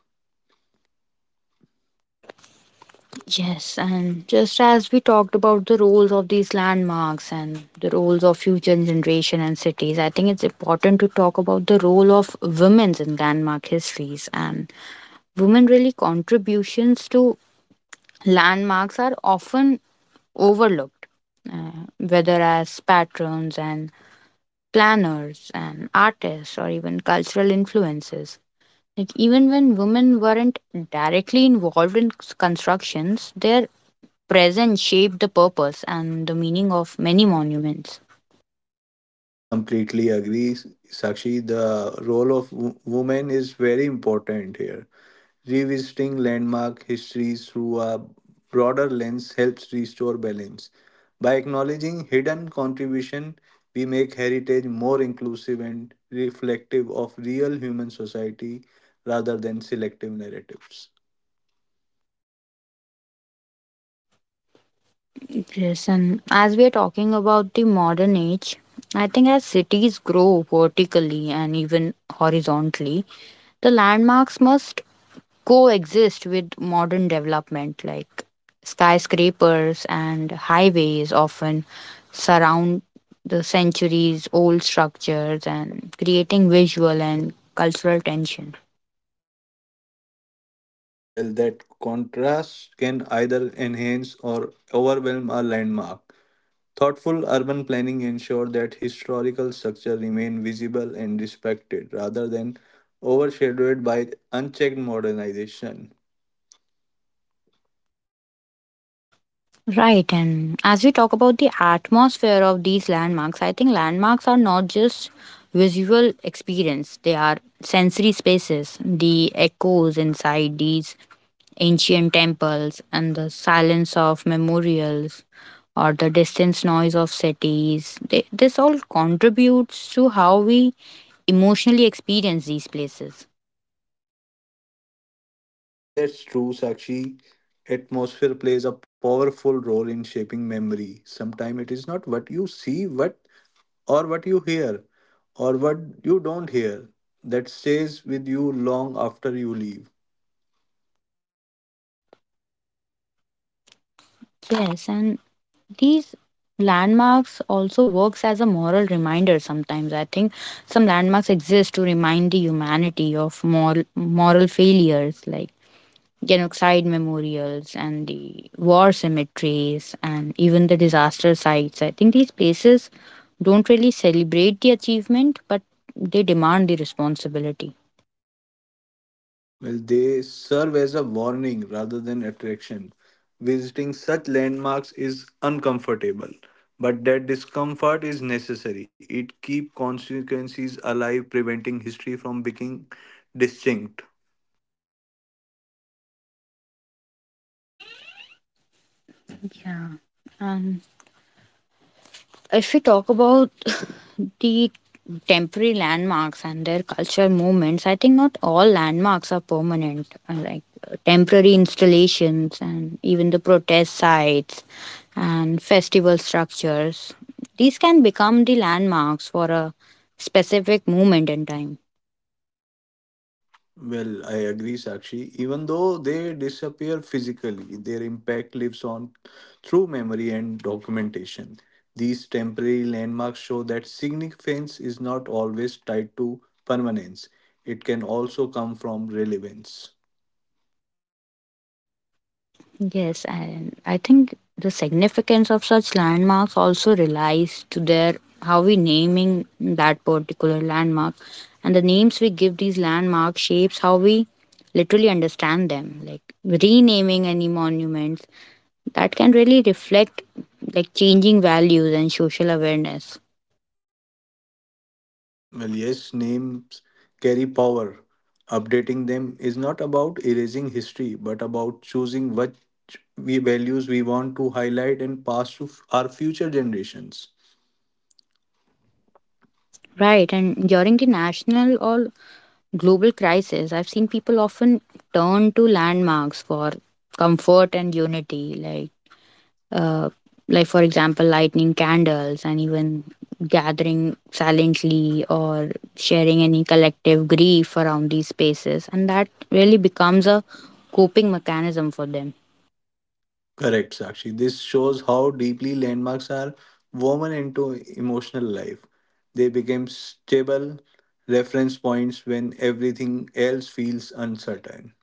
A: Yes, and just as we talked about the roles of these landmarks and the roles of future generation and cities, I think it's important to talk about the role of women's in landmark histories and women really contributions to landmarks are often overlooked, uh, whether as patrons and planners and artists or even cultural influences. Like even when women weren't directly involved in constructions, their presence shaped the purpose and the meaning of many monuments.
B: Well, completely agree, Sakshi. The role of women is very important here. Revisiting landmark histories through a broader lens helps restore balance. By acknowledging hidden contribution, we make heritage more inclusive and reflective of real human society rather than selective narratives.
A: Yes, and as we are talking about the modern age, I think as cities grow vertically and even horizontally, the landmarks must coexist with modern development like skyscrapers and highways often surround the centuries old structures and creating visual and cultural tension.
B: Well, that contrast can either enhance or overwhelm a landmark. Thoughtful urban planning ensures that historical structures remain visible and respected rather than overshadowed by unchecked modernization.
A: Right, and as we talk about the atmosphere of these landmarks, I think landmarks are not just visual experience, they are sensory spaces. The echoes inside these ancient temples and the silence of memorials or the distant noise of cities, this all contributes to how we emotionally experience these places.
B: Well, that's true, Sakshi. Atmosphere plays a powerful role in shaping memory. Sometimes it is not what you see, what or what you hear, or what you don't hear that stays with you long after you leave.
A: Yes, and these landmarks also works as a moral reminder sometimes, I think some landmarks exist to remind the humanity of moral failures like genocide memorials and the war cemeteries and even the disaster sites. I think these places don't really celebrate the achievement but they demand the responsibility.
B: Well, they serve as a warning rather than attraction. Visiting such landmarks is uncomfortable, but that discomfort is necessary. It keeps consequences alive, preventing history from becoming distinct.
A: Yeah. And if we talk about <laughs> the temporary landmarks and their cultural movements, I think not all landmarks are permanent, like temporary installations and even the protest sites and festival structures. These can become the landmarks for a specific moment in time.
B: Well, I agree, Sakshi. Even though they disappear physically, their impact lives on through memory and documentation. These temporary landmarks show that significance is not always tied to permanence, it can also come from relevance.
A: Yes, and I think the significance of such landmarks also relies to their how we naming that particular landmark, and the names we give these landmarks shapes how we literally understand them, like renaming any monuments that can really reflect like changing values and social awareness.
B: Well, yes, names carry power. Updating them is not about erasing history, but about choosing what we values we want to highlight and pass to our future generations.
A: Right, and during the national or global crisis, I've seen people often turn to landmarks for comfort and unity, like Uh, like for example, lighting candles and even gathering silently or sharing any collective grief around these spaces, and that really becomes a
B: Correct, Sakshi. This shows how deeply landmarks are woven into emotional life. They become stable reference points when everything else feels uncertain.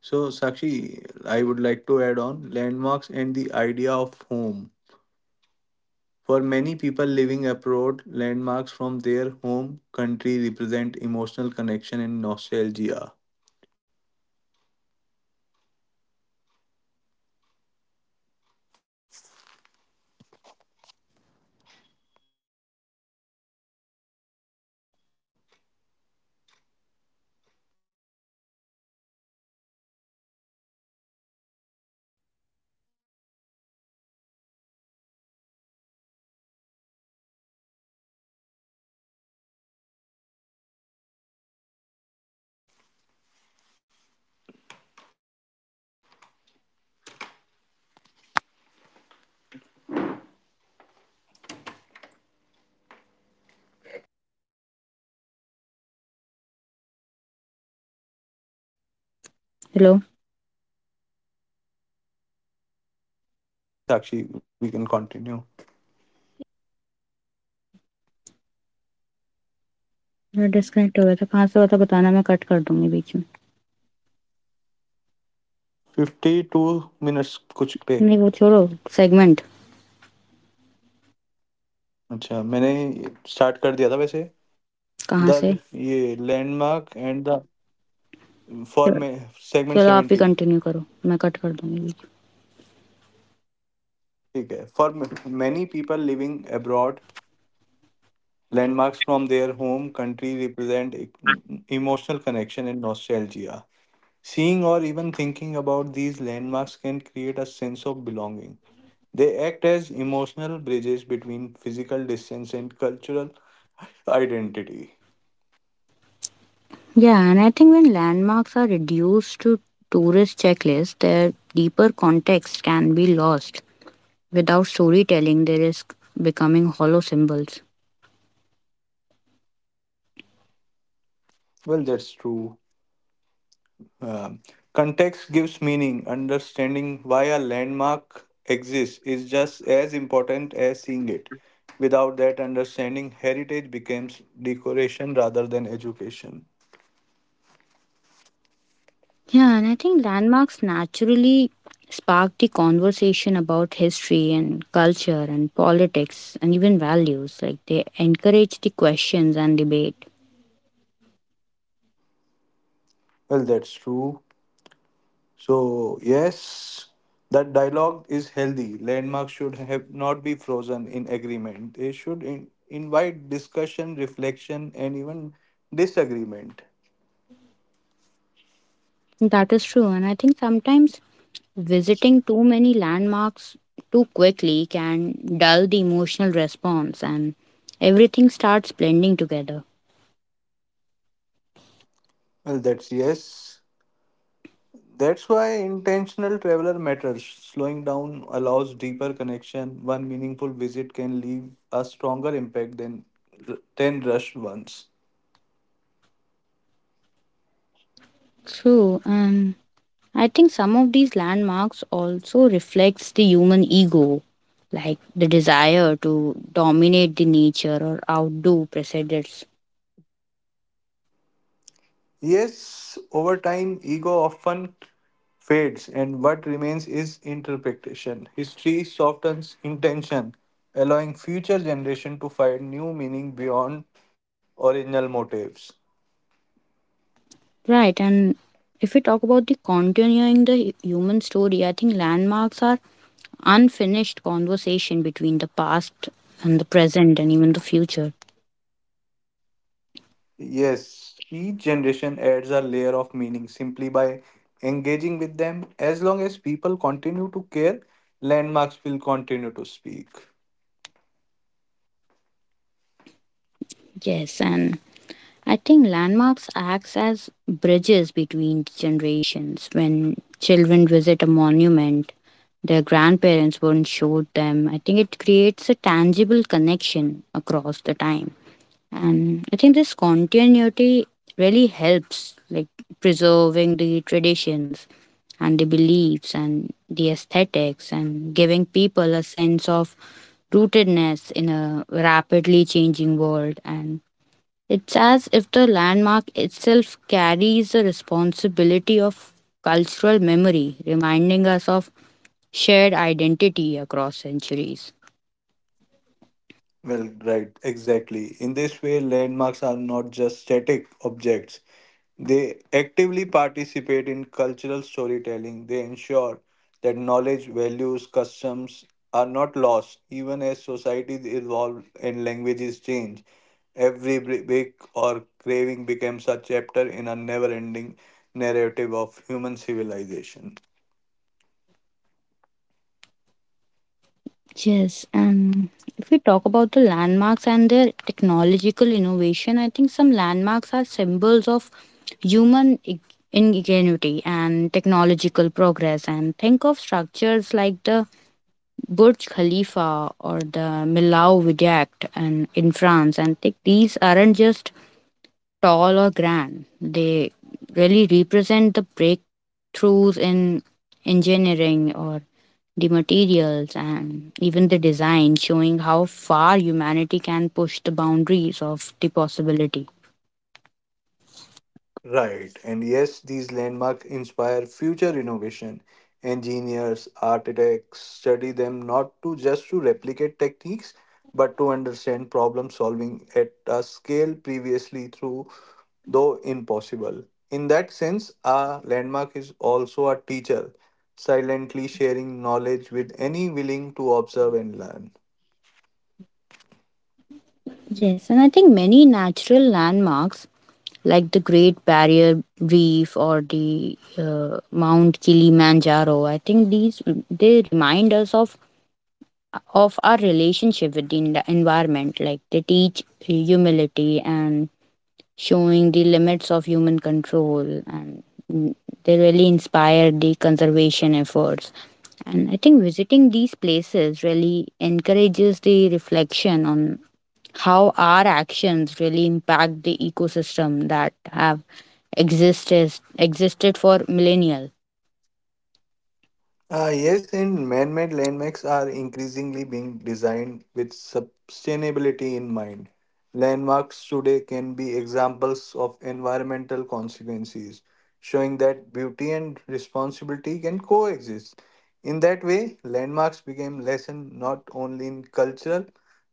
B: So, Sakshi, I would like to add on landmarks and the idea of home. For many people living abroad, landmarks from their home country represent emotional connection and nostalgia.
A: Hello?
B: Yes, Sakshi, we can continue.
A: I am disconnected, I am going to tell you, I will
B: So,
A: cut it in the background.
B: 52 minutes kuch pe.
A: No, let's leave the segment.
B: अच्छा मैंने start कर दिया था वैसे the ये landmark and the for may segment 70.
A: Let's continue, I will cut it in the background.
B: ठीक है for many people living abroad landmarks from their home country represent emotional connection and nostalgia seeing or even thinking about these landmarks can create a sense of belonging they act as emotional bridges between physical distance and cultural identity
A: Yeah, and I think when landmarks are reduced to tourist checklist, their deeper context can be lost. Without storytelling, there is becoming hollow symbols.
B: Well that's true. Um, Context gives meaning. Understanding why a landmark exists is just as important as seeing it. Without that understanding, heritage becomes decoration rather than education.
A: Yeah, and I think landmarks naturally sparked the conversation about history and culture and politics and even values. Like they encourage the questions and debate.
B: Well, that's true. So, yes, that dialogue is healthy. Landmarks should have not be frozen in agreement. They should invite discussion, reflection, and even disagreement.
A: That is true. And I think sometimes visiting too many landmarks too quickly can dull the emotional response and everything starts blending together.
B: Well, that's yes. That's why intentional traveler matters. Slowing down allows deeper connection. One meaningful visit can leave a stronger impact than 10 rushed ones.
A: True. And I think some of these landmarks also reflects the human ego, like the desire to dominate the nature or outdo precedents.
B: Yes, over time, ego often fades, and what remains is interpretation. History softens intention, allowing future generation to find new meaning beyond original motives.
A: Right, and if we talk about the continuing the human story, I think landmarks are unfinished conversation between the past and the present and even the future.
B: Yes, each generation adds a layer of meaning simply by engaging with them. As long as people continue to care, landmarks will continue to speak.
A: Yes, and I think landmarks acts as bridges between generations. When children visit a monument their grandparents once showed them, I think it creates a tangible connection across the time. And I think this continuity really helps like preserving the traditions and the beliefs and the aesthetics and giving people a sense of rootedness in a rapidly changing world, and it's as if the landmark itself carries the responsibility of cultural memory, reminding us of shared identity across centuries.
B: Well, right, exactly. In this way, landmarks are not just static objects. They actively participate in cultural storytelling. They ensure that knowledge, values, customs are not lost, even as societies evolve and languages change. Every break or craving becomes a chapter in a never ending narrative of human civilization.
A: Yes, and if we talk about the landmarks and their technological innovation, I think some landmarks are symbols of human ingenuity and technological progress. And think of structures like the Burj Khalifa or the Millau Viaduct and in France. And think these aren't just tall or grand. They really represent the breakthroughs in engineering or the materials and even the design, showing how far humanity can push the boundaries of the possibility.
B: Right, and yes, these landmarks inspire future innovation. Engineers, architects study them not to just to replicate techniques, but to understand problem solving at a scale previously through though impossible. In that sense, a landmark is also a teacher, silently sharing knowledge with any willing to observe and learn.
A: Yes, and I think many natural landmarks like the Great Barrier Reef or the Mount Kilimanjaro, I think these they remind us of our relationship with the environment. Like they teach humility and showing the limits of human control and mm, they really inspired the conservation efforts. And I think visiting these places really encourages the reflection on how our actions really impact the ecosystem that have existed existed for millennia.
B: Yes, and man made landmarks are increasingly being designed with sustainability in mind. Landmarks today can be examples of environmental consequences, showing that beauty and responsibility can coexist. In that way, landmarks became lesson not only in culture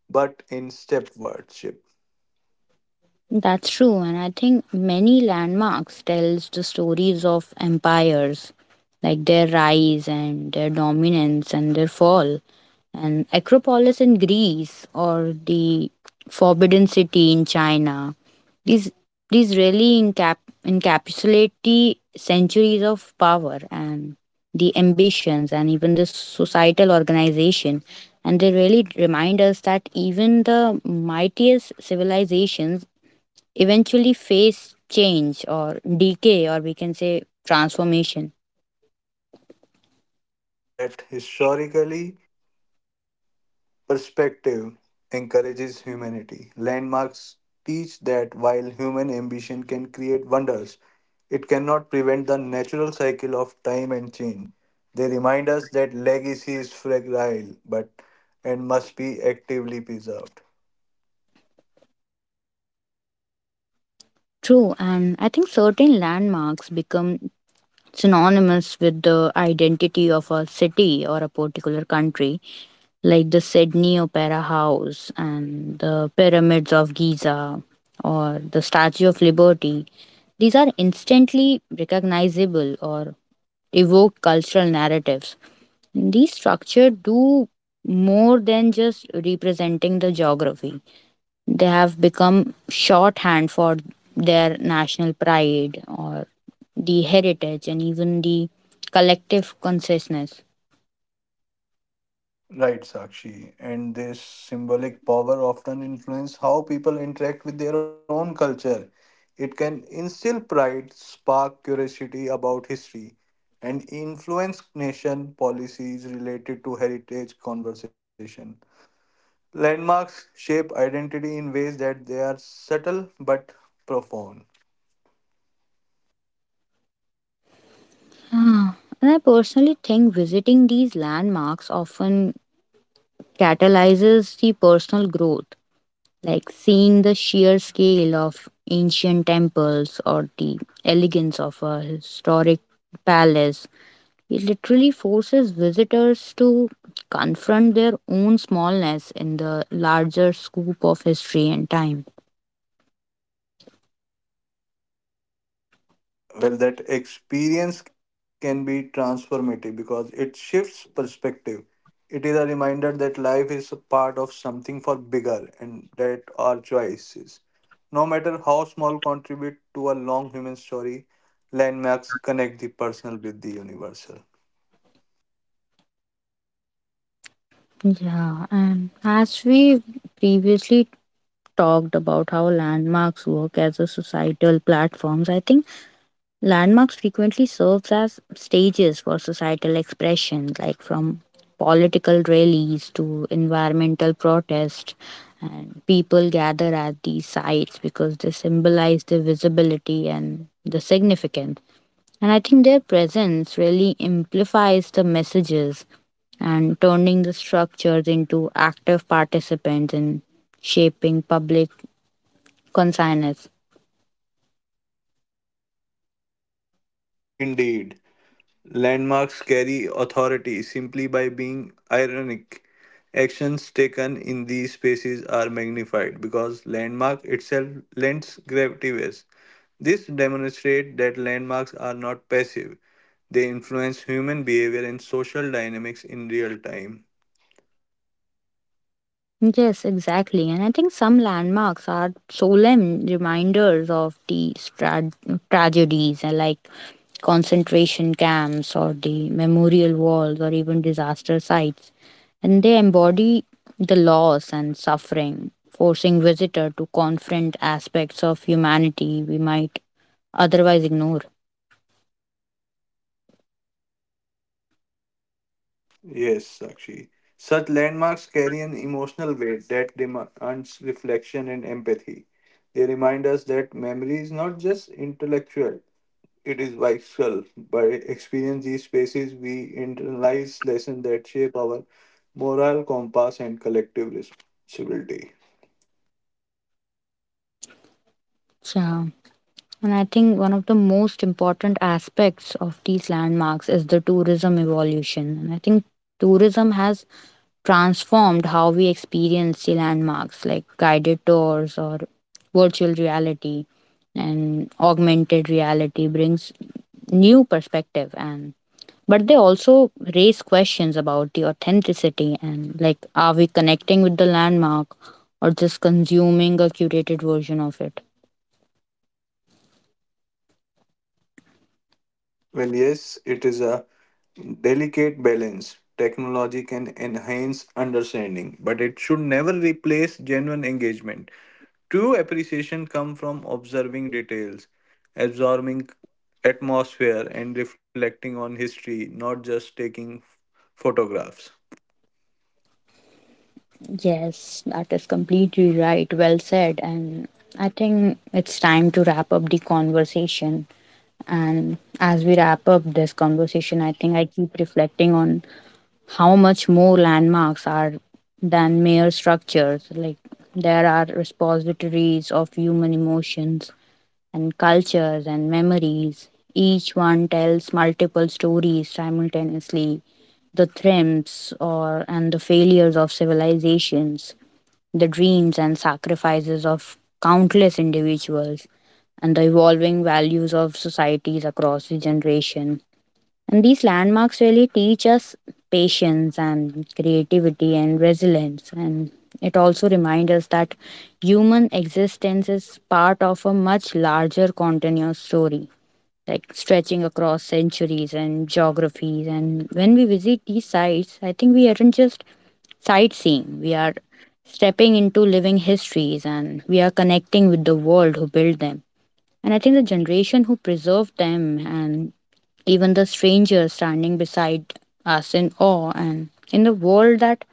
B: but in step stepwardship.
A: That's true, and I think many landmarks tells the stories of empires like their rise and their dominance and their fall, and Acropolis in Greece or the Forbidden City in China. These these really encapsulate the centuries of power and the ambitions and even the societal organization, and they really remind us that even the mightiest civilizations eventually face change or decay, or we can say transformation.
B: That historically perspective encourages humanity. Landmarks teach that while human ambition can create wonders, it cannot prevent the natural cycle of time and change. They remind us that legacy is fragile but and must be actively preserved.
A: True, and I think certain landmarks become synonymous with the identity of a city or a particular country, like the Sydney Opera House and the Pyramids of Giza or the Statue of Liberty. These are instantly recognizable or evoke cultural narratives. These structures do more than just representing the geography. They have become shorthand for their national pride or the heritage and even the collective consciousness.
B: Right, Sakshi. And this symbolic power often influence how people interact with their own culture. It can instill pride, spark curiosity about history, and influence nation policies related to heritage conversation. Landmarks shape identity in ways that they are subtle but profound.
A: Ah, And I personally think visiting these landmarks often catalyzes the personal growth, like seeing the sheer scale of ancient temples or the elegance of a historic palace. It literally forces visitors to confront their own smallness in the larger scope of history and time.
B: Well, that experience can be transformative because it shifts perspective. It is a reminder that life is a part of something far bigger and that our choices, no matter how small, contribute to a long human story. Landmarks connect the personal with the universal.
A: Yeah, and as we previously talked about how landmarks work as a societal platforms, I think landmarks frequently serves as stages for societal expression, like from political rallies to environmental protest. And people gather at these sites because they symbolize the visibility and the significance. And I think their presence really amplifies the messages and turning the structures into active participants in shaping public consciousness.
B: Indeed, landmarks carry authority simply by being ironic. Actions taken in these spaces are magnified because landmark itself lends gravity weight. This demonstrates that landmarks are not passive, they influence human behavior and social dynamics in real time.
A: Yes, exactly. And I think some landmarks are solemn reminders of the tragedies, and like concentration camps or the memorial walls or even disaster sites. And they embody the loss and suffering, forcing visitor to confront aspects of humanity we might otherwise ignore.
B: Yes, Sakshi. Such landmarks carry an emotional weight that demands reflection and empathy. They remind us that memory is not just intellectual, it is visceral. By experiencing these spaces, we internalize lessons that shape our moral compass and collective responsibility.
A: Yeah. And I think one of the most important aspects of these landmarks is the tourism evolution. And I think tourism has transformed how we experience the landmarks, like guided tours or virtual reality and augmented reality brings new perspective, and but they also raise questions about the authenticity, and like are we connecting with the landmark or just consuming a curated version of it?
B: Well, yes, it is a delicate balance. Technology can enhance understanding, but it should never replace genuine engagement. True appreciation comes from observing details, absorbing atmosphere, and reflecting on history, not just taking photographs.
A: Yes, that is completely right, well said. And I think it's time to wrap up the conversation. And as we wrap up this conversation, I think I keep reflecting on how much more landmarks are than mere structures. Like, there are repositories of human emotions and cultures and memories. Each one tells multiple stories simultaneously, the triumphs or and the failures of civilizations, the dreams and sacrifices of countless individuals, and the evolving values of societies across the generation. And these landmarks really teach us patience and creativity and resilience. And it also reminds us that human existence is part of a much larger continuous story, like stretching across centuries and geographies. And when we visit these sites, I think we aren't just sightseeing. We are stepping into living histories and we are connecting with the world who built them. And I think the generation who preserved them, and even the strangers standing beside us in awe, and in the world that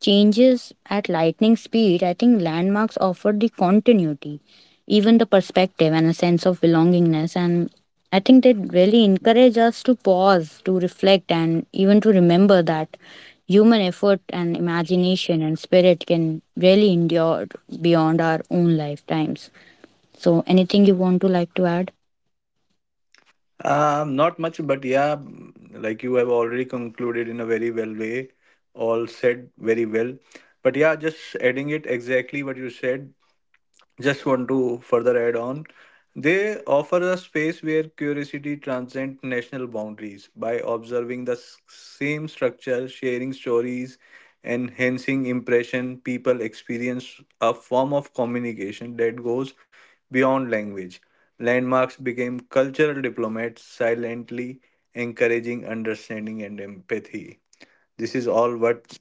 A: changes at lightning speed, I think landmarks offered the continuity, even the perspective and a sense of belongingness. And I think they really encourage us to pause, to reflect, and even to remember that human effort and imagination and spirit can really endure beyond our own lifetimes. So, anything you want to like to add?
B: Not much, but yeah, mm, like you have already concluded in a very well way, all said very well. But yeah, just adding it exactly what you said, just want to further add on they offer a space where curiosity transcends national boundaries by observing the same structure sharing stories enhancing impression people experience a form of communication that goes beyond language. Landmarks became cultural diplomats silently encouraging understanding and empathy. This is all what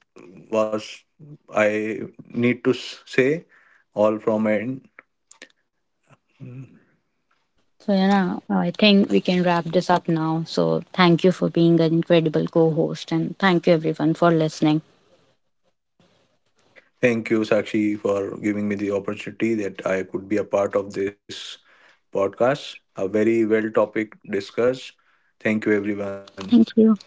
B: was I need to say, all from end.
A: So, yeah, I think we can wrap this up now. So, thank you for being an incredible co host, and thank you everyone for listening.
B: Thank you, Sakshi, for giving me the opportunity that I could be a part of this podcast. A very well topic discussed. Thank you, everyone.
A: Thank you.